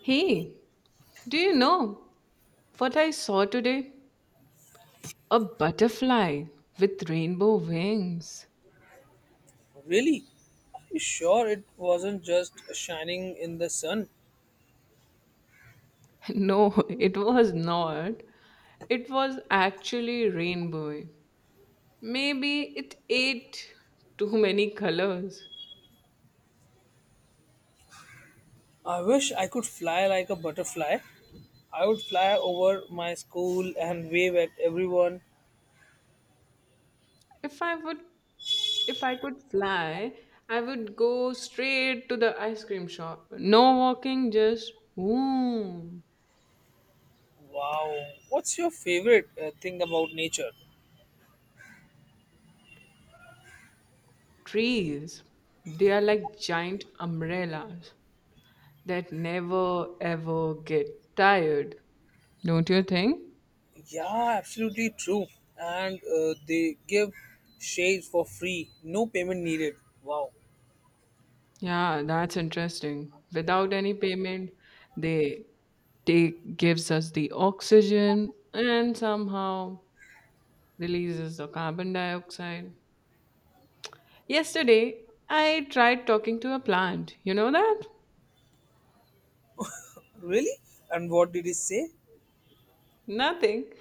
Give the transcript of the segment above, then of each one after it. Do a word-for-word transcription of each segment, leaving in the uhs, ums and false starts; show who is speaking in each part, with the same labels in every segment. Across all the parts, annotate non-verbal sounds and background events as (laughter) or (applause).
Speaker 1: Hey, do you know what I saw today? A butterfly with rainbow wings.
Speaker 2: Really? Are you sure it wasn't just shining in the sun?
Speaker 1: (laughs) No, it was not. It was actually rainbow. Maybe it ate too many colors.
Speaker 2: I wish I could fly like a butterfly. I would fly over my school and wave at everyone.
Speaker 1: If I would if I could fly, I would go straight to the ice cream shop. No walking, just boom.
Speaker 2: Wow. What's your favorite uh, thing about nature?
Speaker 1: Trees. They are like giant umbrellas that never ever get tired, don't you think?
Speaker 2: Yeah, absolutely true. And uh, they give shades for free, no payment needed. Wow.
Speaker 1: Yeah, that's interesting. Without any payment, they take gives us the oxygen and somehow releases the carbon dioxide. Yesterday, I tried talking to a plant. You know that?
Speaker 2: Really? And what did he say?
Speaker 1: Nothing.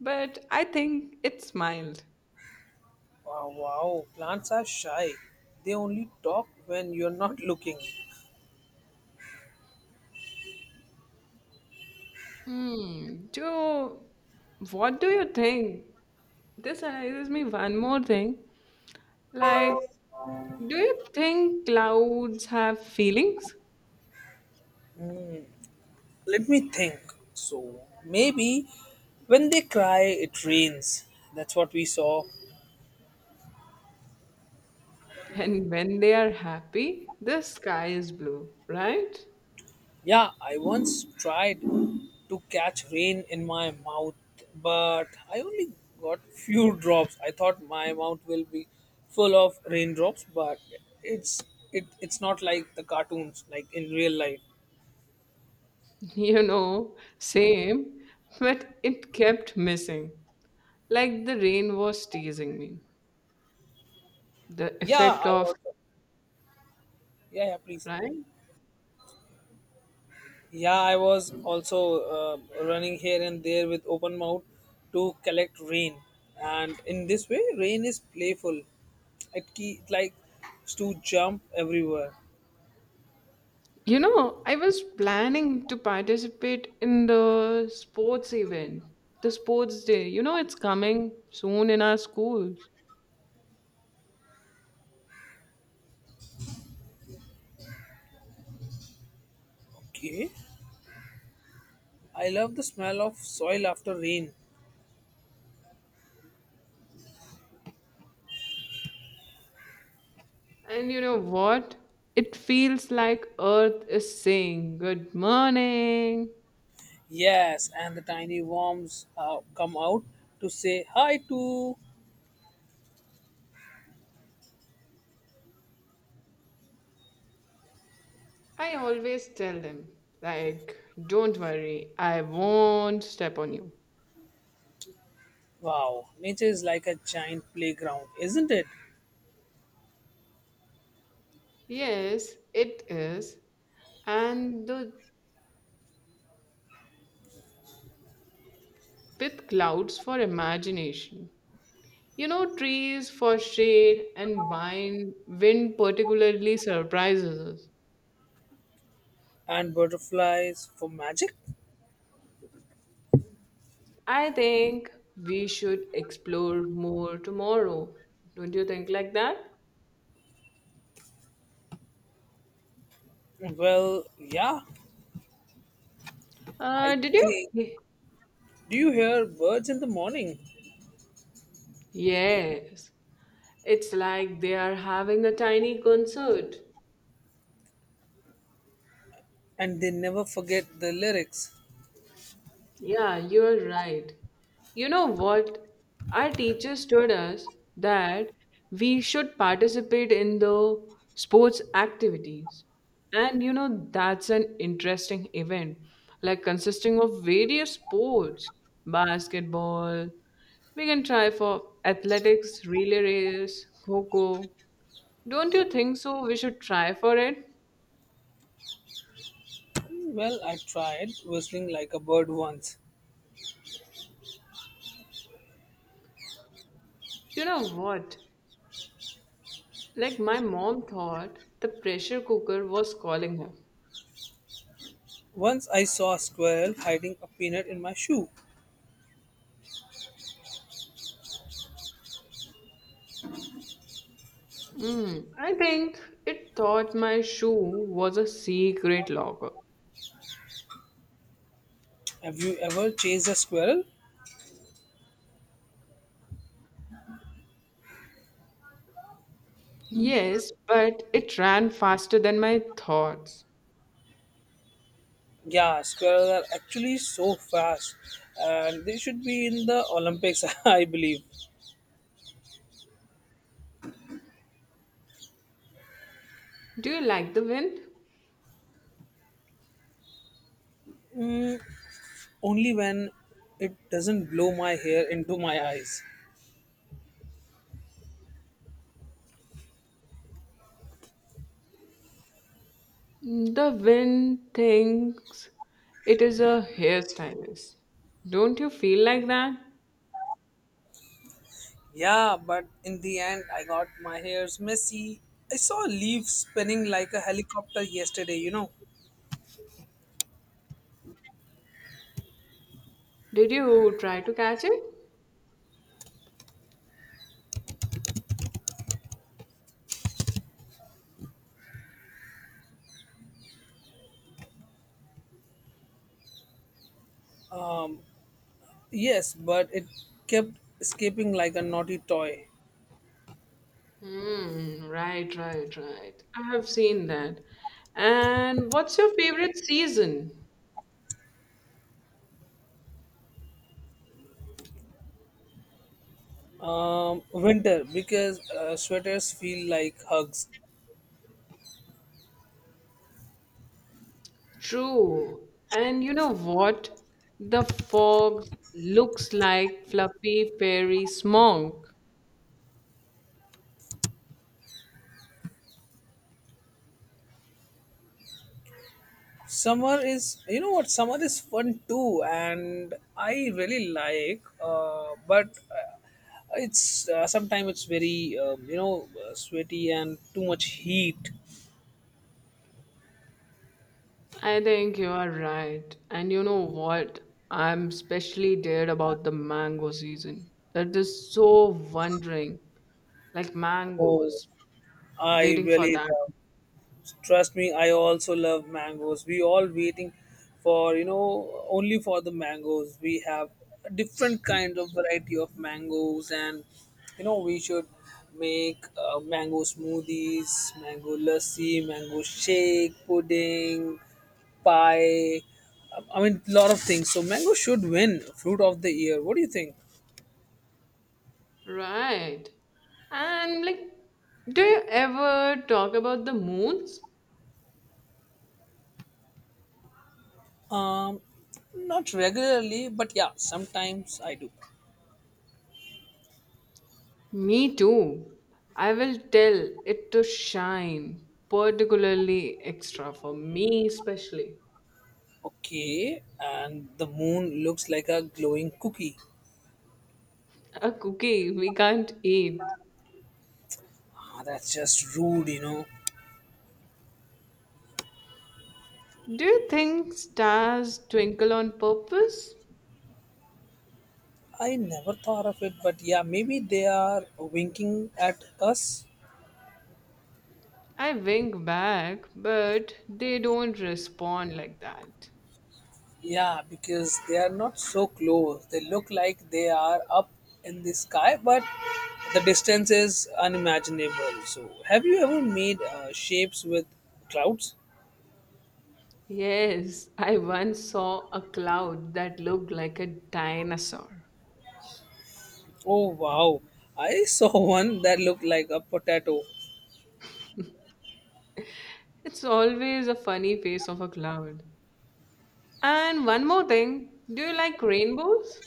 Speaker 1: But I think it smiled.
Speaker 2: Wow, wow. Plants are shy. They only talk when you're not looking.
Speaker 1: Hmm. Do What do you think? This reminds me one more thing. Like, do you think clouds have feelings?
Speaker 2: Let me think. So maybe when they cry, it rains. That's what we saw.
Speaker 1: And when they are happy, the sky is blue, right?
Speaker 2: Yeah, I once tried to catch rain in my mouth, but I only got few (laughs) drops. I thought my mouth will be full of raindrops, but it's it, it's not like the cartoons, like in real life.
Speaker 1: (laughs) You know, same, but it kept missing. Like the rain was teasing me. The
Speaker 2: Yeah,
Speaker 1: effect
Speaker 2: I
Speaker 1: of,
Speaker 2: also. Yeah, yeah, please.
Speaker 1: right?
Speaker 2: Yeah, I was also uh, running here and there with open mouth to collect rain, and in this way, rain is playful. It ke- it likes to jump everywhere.
Speaker 1: You know, I was planning to participate in the sports event, the sports day. You know, it's coming soon in our schools.
Speaker 2: Okay, I love the smell of soil after rain.
Speaker 1: And you know what? It feels like Earth is saying, Good morning.
Speaker 2: Yes, and the tiny worms uh, come out to say hi to.
Speaker 1: I always tell them, like, don't worry, I won't step on you.
Speaker 2: Wow, nature is like a giant playground, isn't it?
Speaker 1: Yes, it is. And the, with clouds for imagination. You know, trees for shade and wine, wind particularly surprises us.
Speaker 2: And butterflies for magic.
Speaker 1: I think we should explore more tomorrow. Don't you think like that?
Speaker 2: Well, yeah,
Speaker 1: Uh,
Speaker 2: I
Speaker 1: did you?
Speaker 2: think
Speaker 1: Ye-
Speaker 2: do you hear birds in the morning?
Speaker 1: Yes. It's like they are having a tiny concert.
Speaker 2: And they never forget the lyrics.
Speaker 1: Yeah, you're right. You know what? Our teachers told us that we should participate in the sports activities. And you know, that's an interesting event, like consisting of various sports, basketball. We can try for athletics, relay race, kho kho. Don't you think so? We should try for it.
Speaker 2: Well, I tried whistling like a bird once.
Speaker 1: You know what? Like, my mom thought the pressure cooker was calling her.
Speaker 2: Once I saw a squirrel hiding a peanut in my shoe.
Speaker 1: Mm, I think it thought my shoe was a secret locker.
Speaker 2: Have you ever chased a squirrel?
Speaker 1: Yes, but it ran faster than my thoughts.
Speaker 2: Yeah, squirrels are actually so fast and they should be in the Olympics, (laughs) I believe.
Speaker 1: Do you like the wind?
Speaker 2: Hmm, only when it doesn't blow my hair into my eyes.
Speaker 1: The wind thinks it is a hairstylist. Don't you feel like that?
Speaker 2: Yeah, but in the end, I got my hairs messy. I saw a leaf spinning like a helicopter yesterday, you know.
Speaker 1: Did you try to catch it?
Speaker 2: Yes, but it kept escaping like a naughty toy.
Speaker 1: Mm, right, right, right. I have seen that. And what's your favorite season?
Speaker 2: Um, winter, because uh, sweaters feel like hugs.
Speaker 1: True. And you know what? The fog looks like fluffy fairy smoke.
Speaker 2: Summer is, you know what, Summer is fun too, and I really like, uh, but uh, it's uh, sometimes it's very, um, you know, uh, sweaty and too much heat.
Speaker 1: I think you are right. And you know what? I'm especially dead about the mango season. It is so wondering, like
Speaker 2: Oh,
Speaker 1: mangoes,
Speaker 2: I
Speaker 1: waiting for
Speaker 2: really
Speaker 1: that.
Speaker 2: love. Trust me, I also love mangoes. We all waiting for you know only for the mangoes. We have different kind of variety of mangoes, and you know we should make uh, mango smoothies, mango lassi, mango shake, pudding, pie. I mean, lot of things. So mango should win fruit of the year. What do you think?
Speaker 1: Right. And like, do you ever talk about the moons?
Speaker 2: Um, Not regularly, but yeah, sometimes I do.
Speaker 1: Me too. I will tell it to shine, particularly extra for me, especially.
Speaker 2: Okay, and the moon looks like a glowing cookie.
Speaker 1: A cookie we can't eat.
Speaker 2: Ah, that's just rude, you know.
Speaker 1: Do you think stars twinkle on purpose?
Speaker 2: I never thought of it, but yeah, maybe they are winking at us.
Speaker 1: I wink back, but they don't respond like that.
Speaker 2: Yeah, because they are not so close. They look like they are up in the sky, but the distance is unimaginable. So, have you ever made uh, shapes with clouds?
Speaker 1: Yes, I once saw a cloud that looked like a dinosaur.
Speaker 2: Oh wow, I saw (laughs) one that looked like a potato.
Speaker 1: It's always a funny face of a cloud. And one more thing, do you like rainbows?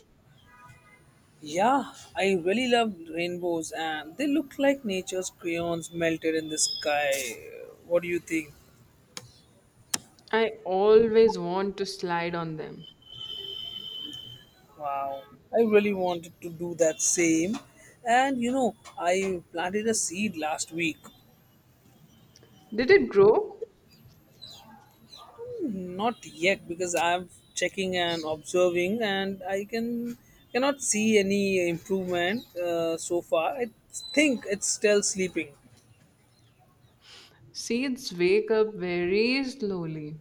Speaker 2: Yeah, I really love rainbows and they look like nature's crayons melted in the sky. What do you think?
Speaker 1: I always want to slide on them.
Speaker 2: Wow, I really wanted to do that same. And you know, I planted a seed last week.
Speaker 1: Did it grow?
Speaker 2: Not yet because I'm checking and observing and I can cannot see any improvement uh, so far. I think it's still sleeping
Speaker 1: Seeds wake up very slowly.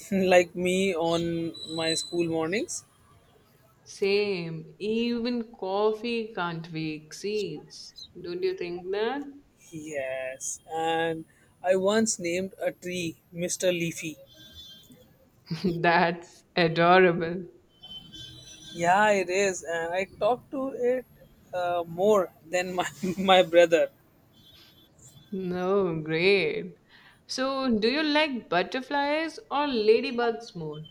Speaker 2: (laughs) like me on my school mornings.
Speaker 1: Same, even coffee can't wake seeds. Don't you think that?
Speaker 2: Yes, and I once named a tree mister Leafy.
Speaker 1: (laughs) That's adorable.
Speaker 2: Yeah, it is, and I talk to it uh, more than my (laughs) my brother.
Speaker 1: No, great. So, do you like butterflies or ladybugs more?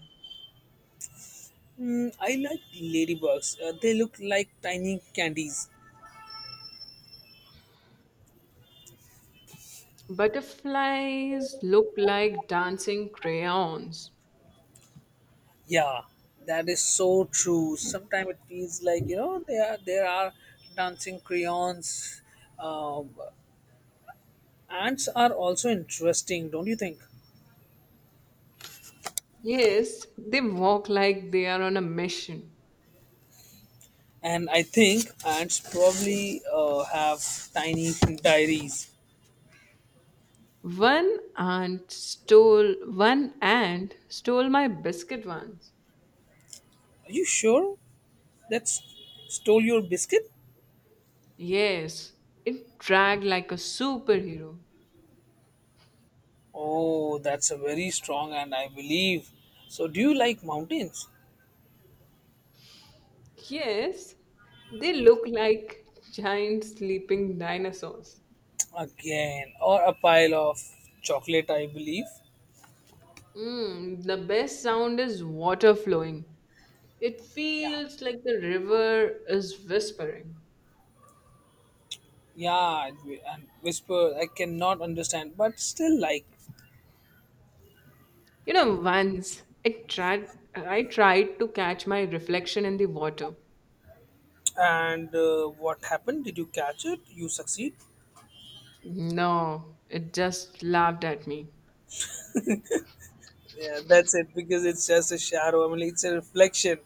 Speaker 2: Mm, I like ladybugs. Uh, they look like tiny candies.
Speaker 1: Butterflies look like dancing crayons.
Speaker 2: Yeah, that is so true. Sometimes it feels like you know they are there are dancing crayons. Um, Ants are also interesting, don't you think?
Speaker 1: Yes, they walk like they are on a mission.
Speaker 2: And I think ants probably uh, have tiny (laughs) diaries.
Speaker 1: One ant stole one ant stole my biscuit once.
Speaker 2: Are you sure that's stole your biscuit?
Speaker 1: Yes, it dragged like a superhero.
Speaker 2: Oh, that's a very strong and I believe. So, do you like mountains?
Speaker 1: Yes, they look like giant sleeping dinosaurs.
Speaker 2: Again, or a pile of chocolate, I believe.
Speaker 1: Mm, the best sound is water flowing. It
Speaker 2: Yeah.
Speaker 1: feels like the river is whispering.
Speaker 2: Yeah, and whisper, I cannot understand, but still like.
Speaker 1: You know, once I tried I tried to catch my reflection in the water.
Speaker 2: And uh, what happened? Did you catch it? You succeed?
Speaker 1: No, it just laughed at me.
Speaker 2: Yeah, that's it because it's just a shadow. I mean, it's a reflection,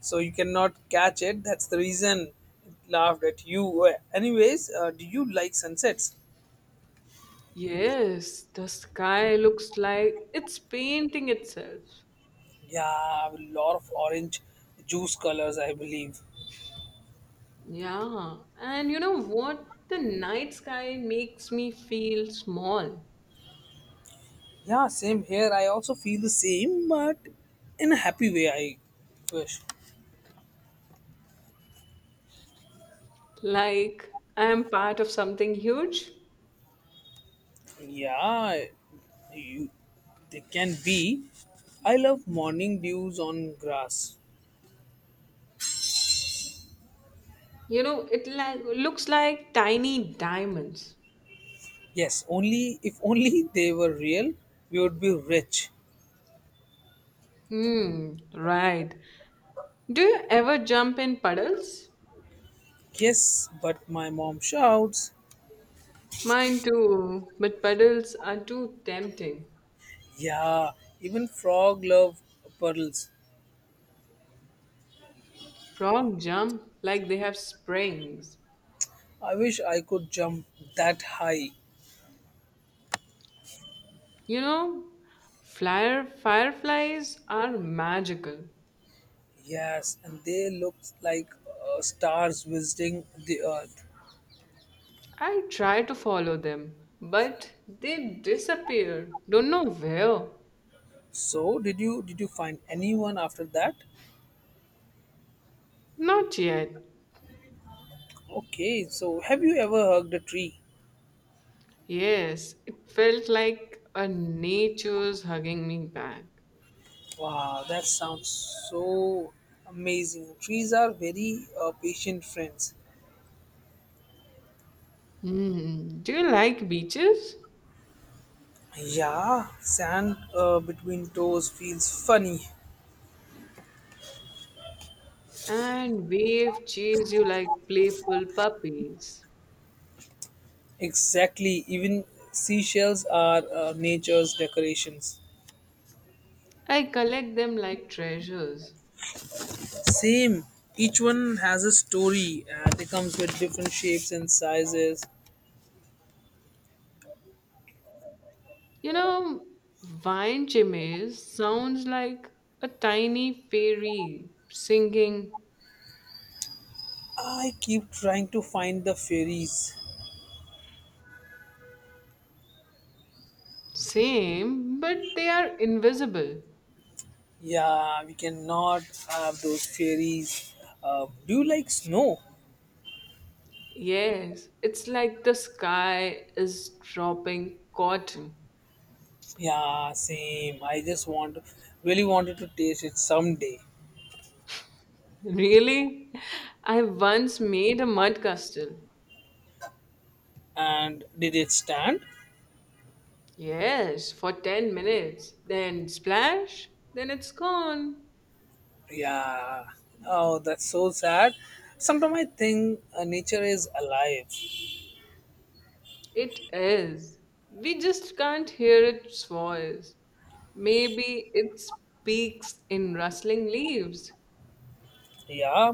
Speaker 2: so you cannot catch it. That's the reason it laughed at you. Uh, Anyways, uh, do you like sunsets?
Speaker 1: Yes, the sky looks like it's painting itself.
Speaker 2: Yeah, a lot of orange juice colors, I believe.
Speaker 1: Yeah, and you know what? The night sky makes me feel small,
Speaker 2: Yeah, same here. I also feel the same, but in a happy way. I wish.
Speaker 1: like I am part of something huge.
Speaker 2: Yeah, you, they can be. I love morning dews on grass.
Speaker 1: You know, it like looks like tiny diamonds.
Speaker 2: Yes, only if only they were real, we would be rich.
Speaker 1: Hmm, right. Do you ever jump in puddles?
Speaker 2: Yes, but my mom shouts,
Speaker 1: Mine too, but puddles are too tempting.
Speaker 2: yeah, even frog love pearls.
Speaker 1: Frog jump like they have springs.
Speaker 2: I wish I could jump that high.
Speaker 1: You know, flyer fireflies are magical.
Speaker 2: Yes, and they look like uh, stars visiting the earth.
Speaker 1: I try to follow them, but they disappear. Don't know where.
Speaker 2: So, did you did you find anyone after that?
Speaker 1: Not yet.
Speaker 2: Okay, so have you ever hugged a tree?
Speaker 1: Yes, it felt like a nature's hugging me back.
Speaker 2: Wow, that sounds so amazing. Trees are very uh, patient friends.
Speaker 1: Hmm. Do you like beaches?
Speaker 2: Yeah, sand uh, between toes feels funny.
Speaker 1: And wave chase you like playful puppies.
Speaker 2: Exactly, even seashells are uh, nature's decorations.
Speaker 1: I collect them like treasures.
Speaker 2: Same, each one has a story and it comes with different shapes and sizes.
Speaker 1: You know, Vine Chimaze sounds like a tiny fairy singing,
Speaker 2: I keep trying to find the fairies.
Speaker 1: same, but they are invisible.
Speaker 2: Yeah, we cannot have those fairies. Uh, do you like snow?
Speaker 1: Yes, it's like the sky is dropping cotton.
Speaker 2: Yeah, same. I just want, really wanted to taste it someday.
Speaker 1: Really? I once made a mud castle.
Speaker 2: And did it stand?
Speaker 1: Yes, for ten minutes. Then splash, then it's gone.
Speaker 2: Yeah. Oh, that's so sad. Sometimes I think uh, nature is alive.
Speaker 1: It is. We just can't hear its voice. Maybe it speaks in rustling leaves.
Speaker 2: Yeah,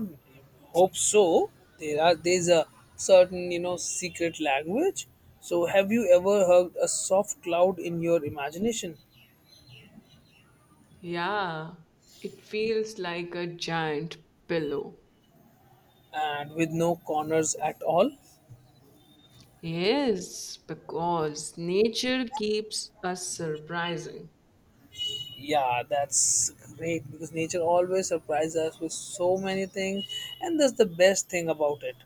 Speaker 2: hope so. There are there's a certain you know secret language. So have you ever heard a soft cloud in your imagination
Speaker 1: Yeah, it feels like a giant pillow.
Speaker 2: and with no corners at all?
Speaker 1: Yes, because nature keeps us surprising.
Speaker 2: Yeah, that's great because nature always surprises us with so many things, and that's the best thing about it.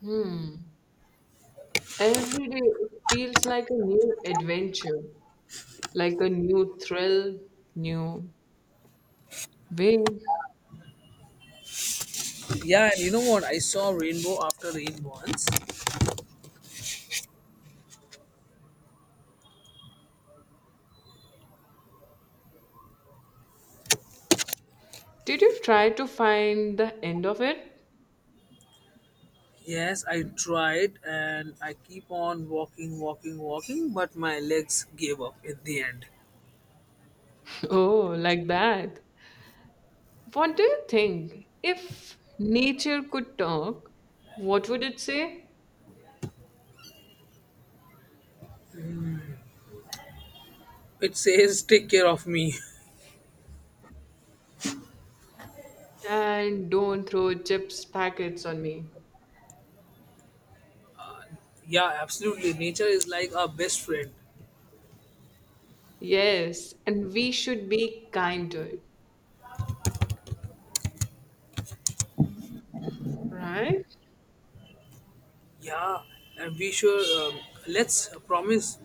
Speaker 1: Hmm. Every day it feels like a new adventure, like a new thrill, new way.
Speaker 2: Yeah, and you know what? I saw rainbow after rain once.
Speaker 1: Did you try to find the end of it?
Speaker 2: Yes, I tried and I keep on walking, walking, walking, but my legs gave up at the end.
Speaker 1: (laughs) Oh, like that. What do you think? If nature could talk, what would it say?
Speaker 2: It says, take care of me.
Speaker 1: And don't throw chips packets on me.
Speaker 2: (laughs) Yeah, absolutely. Nature is like our best friend.
Speaker 1: Yes, and we should be kind to it, right?
Speaker 2: Yeah, and we sure, um, let's promise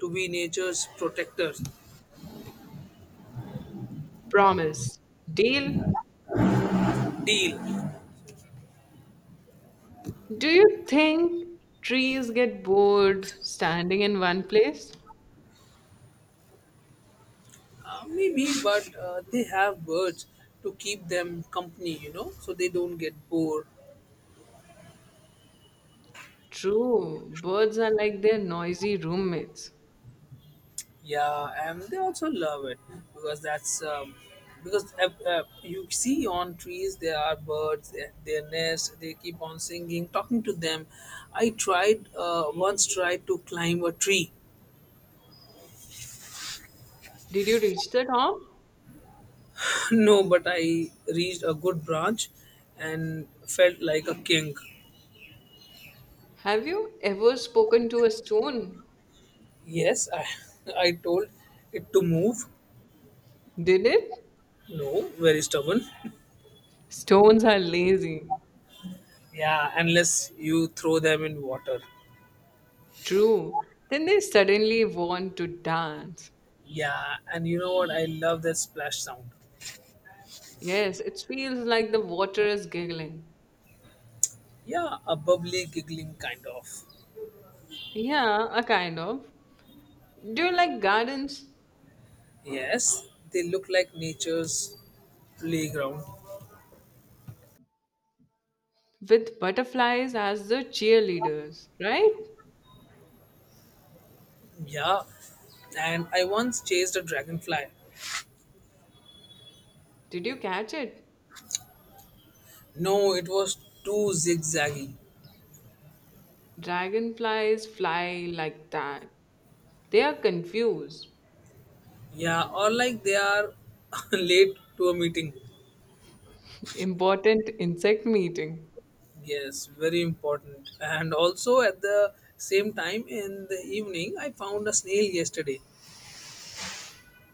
Speaker 2: to be nature's protectors.
Speaker 1: Promise. Deal.
Speaker 2: Deal.
Speaker 1: Do you think trees get bored standing in one place?
Speaker 2: Uh, maybe, but uh, they have birds to keep them company, you know, so they don't get bored.
Speaker 1: True. Birds are like their noisy roommates.
Speaker 2: Yeah, and they also love it because that's um, because uh, uh, you see on trees there are birds, uh, their nests. They keep on singing, talking to them. I tried uh, once tried to climb a tree,
Speaker 1: Did you reach the top?
Speaker 2: (laughs) no, but I reached a good branch, and felt like a king.
Speaker 1: Have you ever spoken to a stone?
Speaker 2: Yes, I (laughs) I told it to move.
Speaker 1: Did it?
Speaker 2: No, very stubborn. (laughs)
Speaker 1: Stones are lazy.
Speaker 2: Yeah, unless you throw them in water.
Speaker 1: True. Then they suddenly want to dance.
Speaker 2: Yeah, and you know what? I love that splash sound.
Speaker 1: Yes, it feels like the water is giggling.
Speaker 2: Yeah, a bubbly, giggling kind of.
Speaker 1: Yeah, a kind of. Do you like gardens
Speaker 2: Yes, they look like nature's playground.
Speaker 1: with butterflies as the cheerleaders, right?
Speaker 2: Yeah, and I once chased a dragonfly.
Speaker 1: Did you catch it?
Speaker 2: No, it was too zigzaggy.
Speaker 1: Dragonflies fly like that. They are confused.
Speaker 2: Yeah, or like they are (laughs) late to a meeting.
Speaker 1: (laughs) Important insect meeting.
Speaker 2: Yes, very important. And also at the same time in the evening, I found a snail yesterday,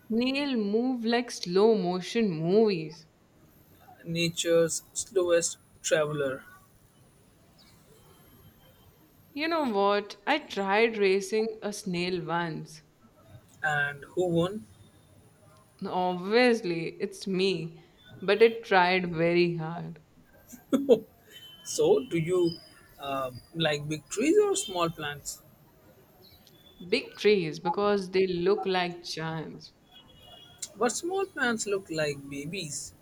Speaker 1: Snail move like slow motion movies.
Speaker 2: nature's slowest traveler.
Speaker 1: You know what? I tried racing a snail once.
Speaker 2: And who won?
Speaker 1: Obviously, it's me, but it tried very hard.
Speaker 2: So, do you uh, like big trees or small plants?
Speaker 1: Big trees because they look like giants.
Speaker 2: But small plants look like babies.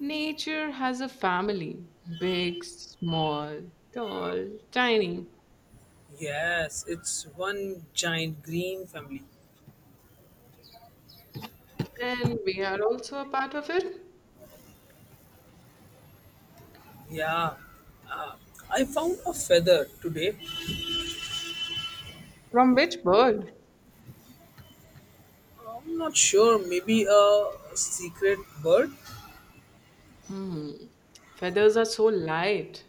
Speaker 1: Nature has a family, big, small, tall, tiny,
Speaker 2: Yes, it's one giant green family.
Speaker 1: and we are also a part of it.
Speaker 2: Yeah, uh, I found a feather today.
Speaker 1: From which bird?
Speaker 2: I'm not sure, maybe a secret bird.
Speaker 1: Hmm. Feathers are so light.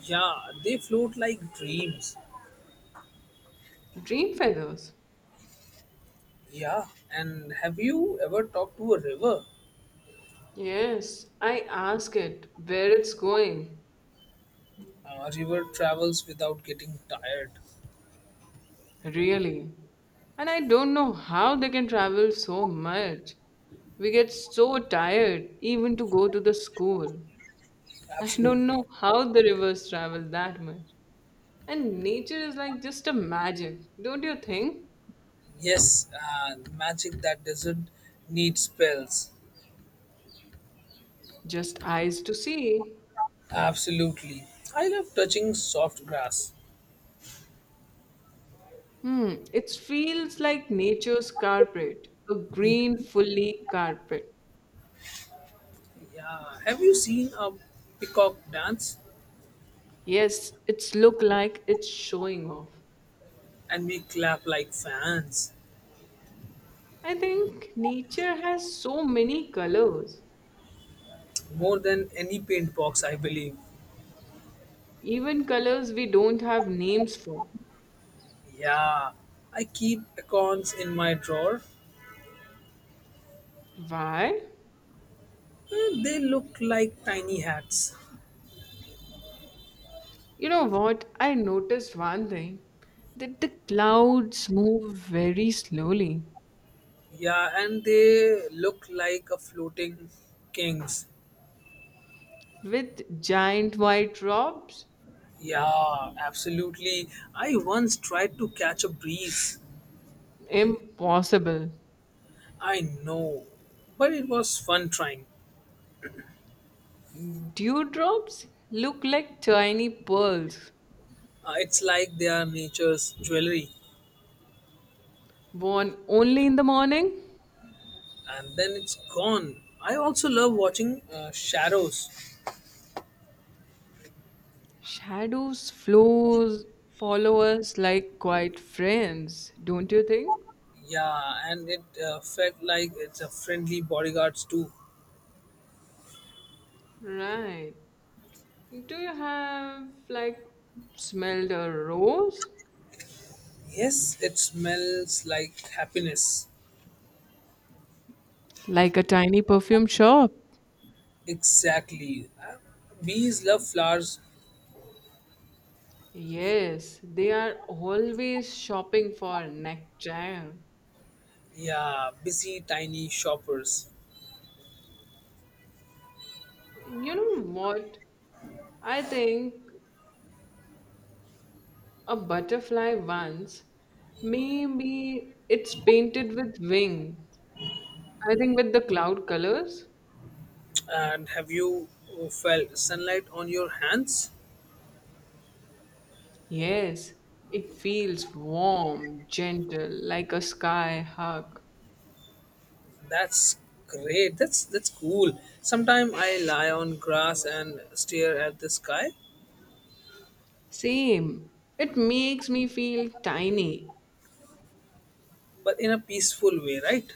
Speaker 2: Yeah, they float like dreams.
Speaker 1: Dream feathers.
Speaker 2: Yeah, and have you ever talked to a river?
Speaker 1: Yes, I ask it where it's going.
Speaker 2: A river travels without getting tired.
Speaker 1: Really? And I don't know how they can travel so much. We get so tired even to go to the school. I don't know
Speaker 2: Absolutely.
Speaker 1: how the rivers travel that much. And nature is like just a magic, don't you think?
Speaker 2: Yes, uh, magic that doesn't need spells.
Speaker 1: Just eyes to see.
Speaker 2: Absolutely. I love touching soft grass.
Speaker 1: Hmm, it feels like nature's carpet, a green fully carpet.
Speaker 2: Yeah. Have you seen a peacock dance?
Speaker 1: Yes, it's look like it's showing off.
Speaker 2: And we clap like fans.
Speaker 1: I think nature has so many colors.
Speaker 2: More than any paint box, I believe.
Speaker 1: Even colors we don't have names for.
Speaker 2: Yeah. I keep acorns in my drawer.
Speaker 1: Why?
Speaker 2: Eh, They look like tiny hats.
Speaker 1: You know what? I noticed one thing that the clouds move very slowly
Speaker 2: Yeah, and they look like a floating kings.
Speaker 1: with giant white drops.
Speaker 2: Yeah, absolutely. I once tried to catch a breeze.
Speaker 1: Impossible.
Speaker 2: I know, but it was fun trying.
Speaker 1: Dewdrops look like tiny pearls
Speaker 2: Uh, it's like they are nature's jewelry,
Speaker 1: born only in the morning.
Speaker 2: and then it's gone. I also love watching uh, shadows.
Speaker 1: Shadows flows follow us like quiet friends, don't you think?
Speaker 2: Yeah, and it uh, felt like it's a friendly bodyguards too.
Speaker 1: Right. Do you have like smelled a rose?
Speaker 2: Yes, it smells like happiness.
Speaker 1: Like a tiny perfume shop?
Speaker 2: Exactly. Uh, bees love flowers.
Speaker 1: Yes, they are always shopping for nectar.
Speaker 2: Yeah, busy tiny shoppers.
Speaker 1: You know what? I think a butterfly once, maybe it's painted with wings. I think with the cloud colors.
Speaker 2: And have you uh, felt sunlight on your hands?
Speaker 1: Yes, it feels warm, gentle, like a sky hug.
Speaker 2: That's great. That's that's cool. Sometimes I lie on grass and stare at the sky,
Speaker 1: Same. It makes me feel tiny.
Speaker 2: but in a peaceful way, right?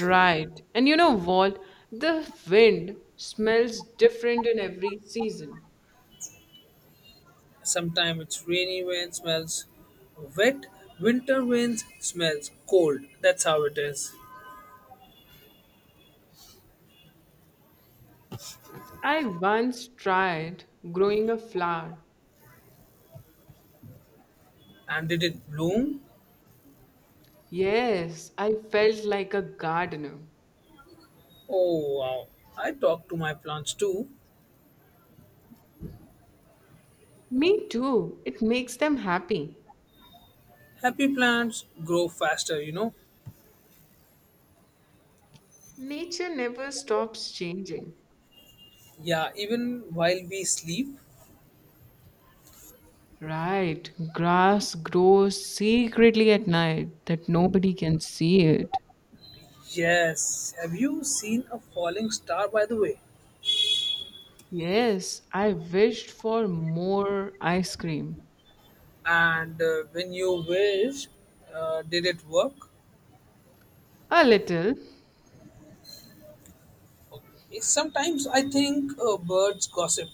Speaker 1: Right. And you know what? The wind smells different in every season.
Speaker 2: Sometimes it's rainy when smells wet, winter when smells cold. That's how it is.
Speaker 1: I once tried growing a flower.
Speaker 2: And did it bloom?
Speaker 1: Yes, I felt like a gardener.
Speaker 2: Oh wow. I talk to my plants too.
Speaker 1: Me too. It makes them happy.
Speaker 2: Happy plants grow faster, you know.
Speaker 1: Nature never stops changing.
Speaker 2: Yeah, even while we sleep.
Speaker 1: Right. Grass grows secretly at night that nobody can see it.
Speaker 2: Yes. Have you seen a falling star by the way?
Speaker 1: Yes, I wished for more ice cream.
Speaker 2: And uh, when you wish, uh, did it work?
Speaker 1: A little.
Speaker 2: Sometimes I think uh, birds gossip.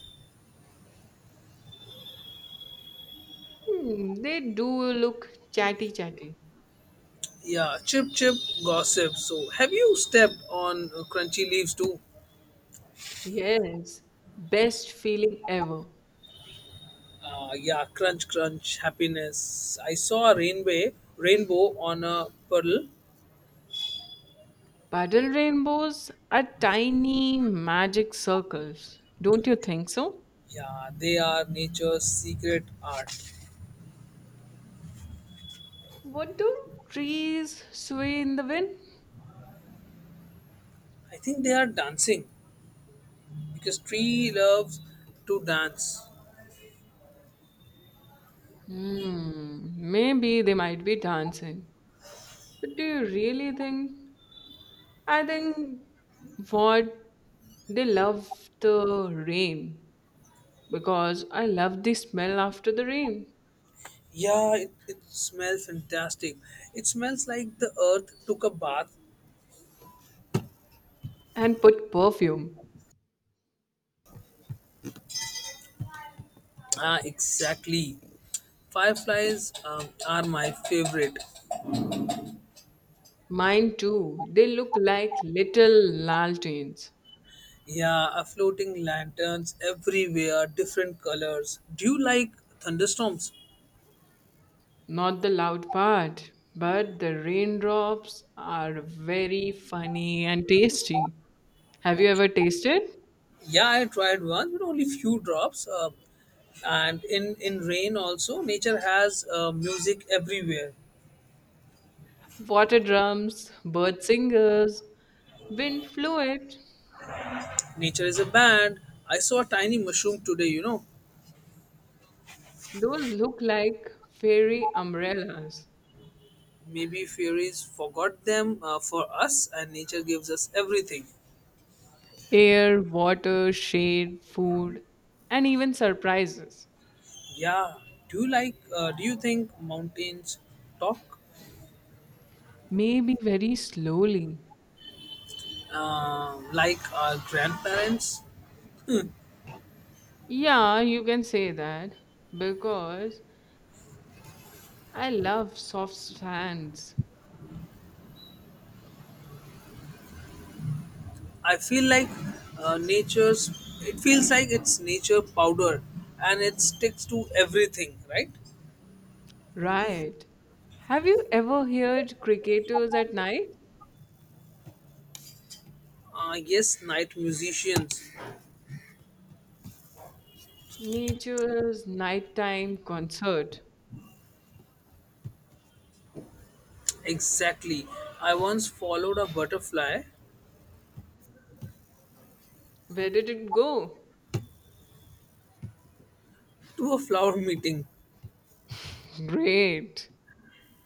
Speaker 1: Hmm, they do look chatty chatty.
Speaker 2: Yeah, chip chip gossip. So have you stepped on uh, crunchy leaves too?
Speaker 1: Yes, best feeling ever.
Speaker 2: Uh, yeah, crunch crunch happiness. I saw a rainbow rainbow on a pearl.
Speaker 1: Paddle rainbows are tiny magic circles. Don't you think so?
Speaker 2: Yeah, they are nature's secret art.
Speaker 1: What do trees sway in the wind?
Speaker 2: I think they are dancing because tree loves to dance.
Speaker 1: Hmm, maybe they might be dancing. But do you really think I think what they love the rain because I love the smell after the rain
Speaker 2: Yeah, it, it smells fantastic. It smells like the earth took a bath.
Speaker 1: and put perfume.
Speaker 2: Ah, exactly. Fireflies um, are my favorite.
Speaker 1: Mine too. They look like little lanterns.
Speaker 2: Yeah, uh, floating lanterns everywhere, different colors. Do you like thunderstorms?
Speaker 1: Not the loud part, but the raindrops are very funny and tasty. Have you
Speaker 2: Okay.
Speaker 1: ever tasted?
Speaker 2: Yeah, I tried one, but only few drops. Uh, and in in rain also, nature has uh, music everywhere.
Speaker 1: Water drums, bird singers, wind fluid.
Speaker 2: Nature is a band. I saw a tiny mushroom today. You know,
Speaker 1: Those look like fairy umbrellas.
Speaker 2: Maybe fairies forgot them uh, for us, and nature gives us everything.
Speaker 1: Air, water, shade, food, and even surprises.
Speaker 2: Yeah. Do you like? Uh, do you think mountains talk
Speaker 1: Maybe very slowly.
Speaker 2: um like our grandparents?
Speaker 1: Yeah, you can say that because I love soft sands.
Speaker 2: I feel like uh, nature's. It feels like it's nature powder, and it sticks to everything, right?
Speaker 1: Right. Have you ever heard cricketers at night?
Speaker 2: Uh, yes, night musicians.
Speaker 1: Nature's nighttime concert.
Speaker 2: Exactly. I once followed a butterfly
Speaker 1: Where did it go?
Speaker 2: to a flower meeting.
Speaker 1: Great.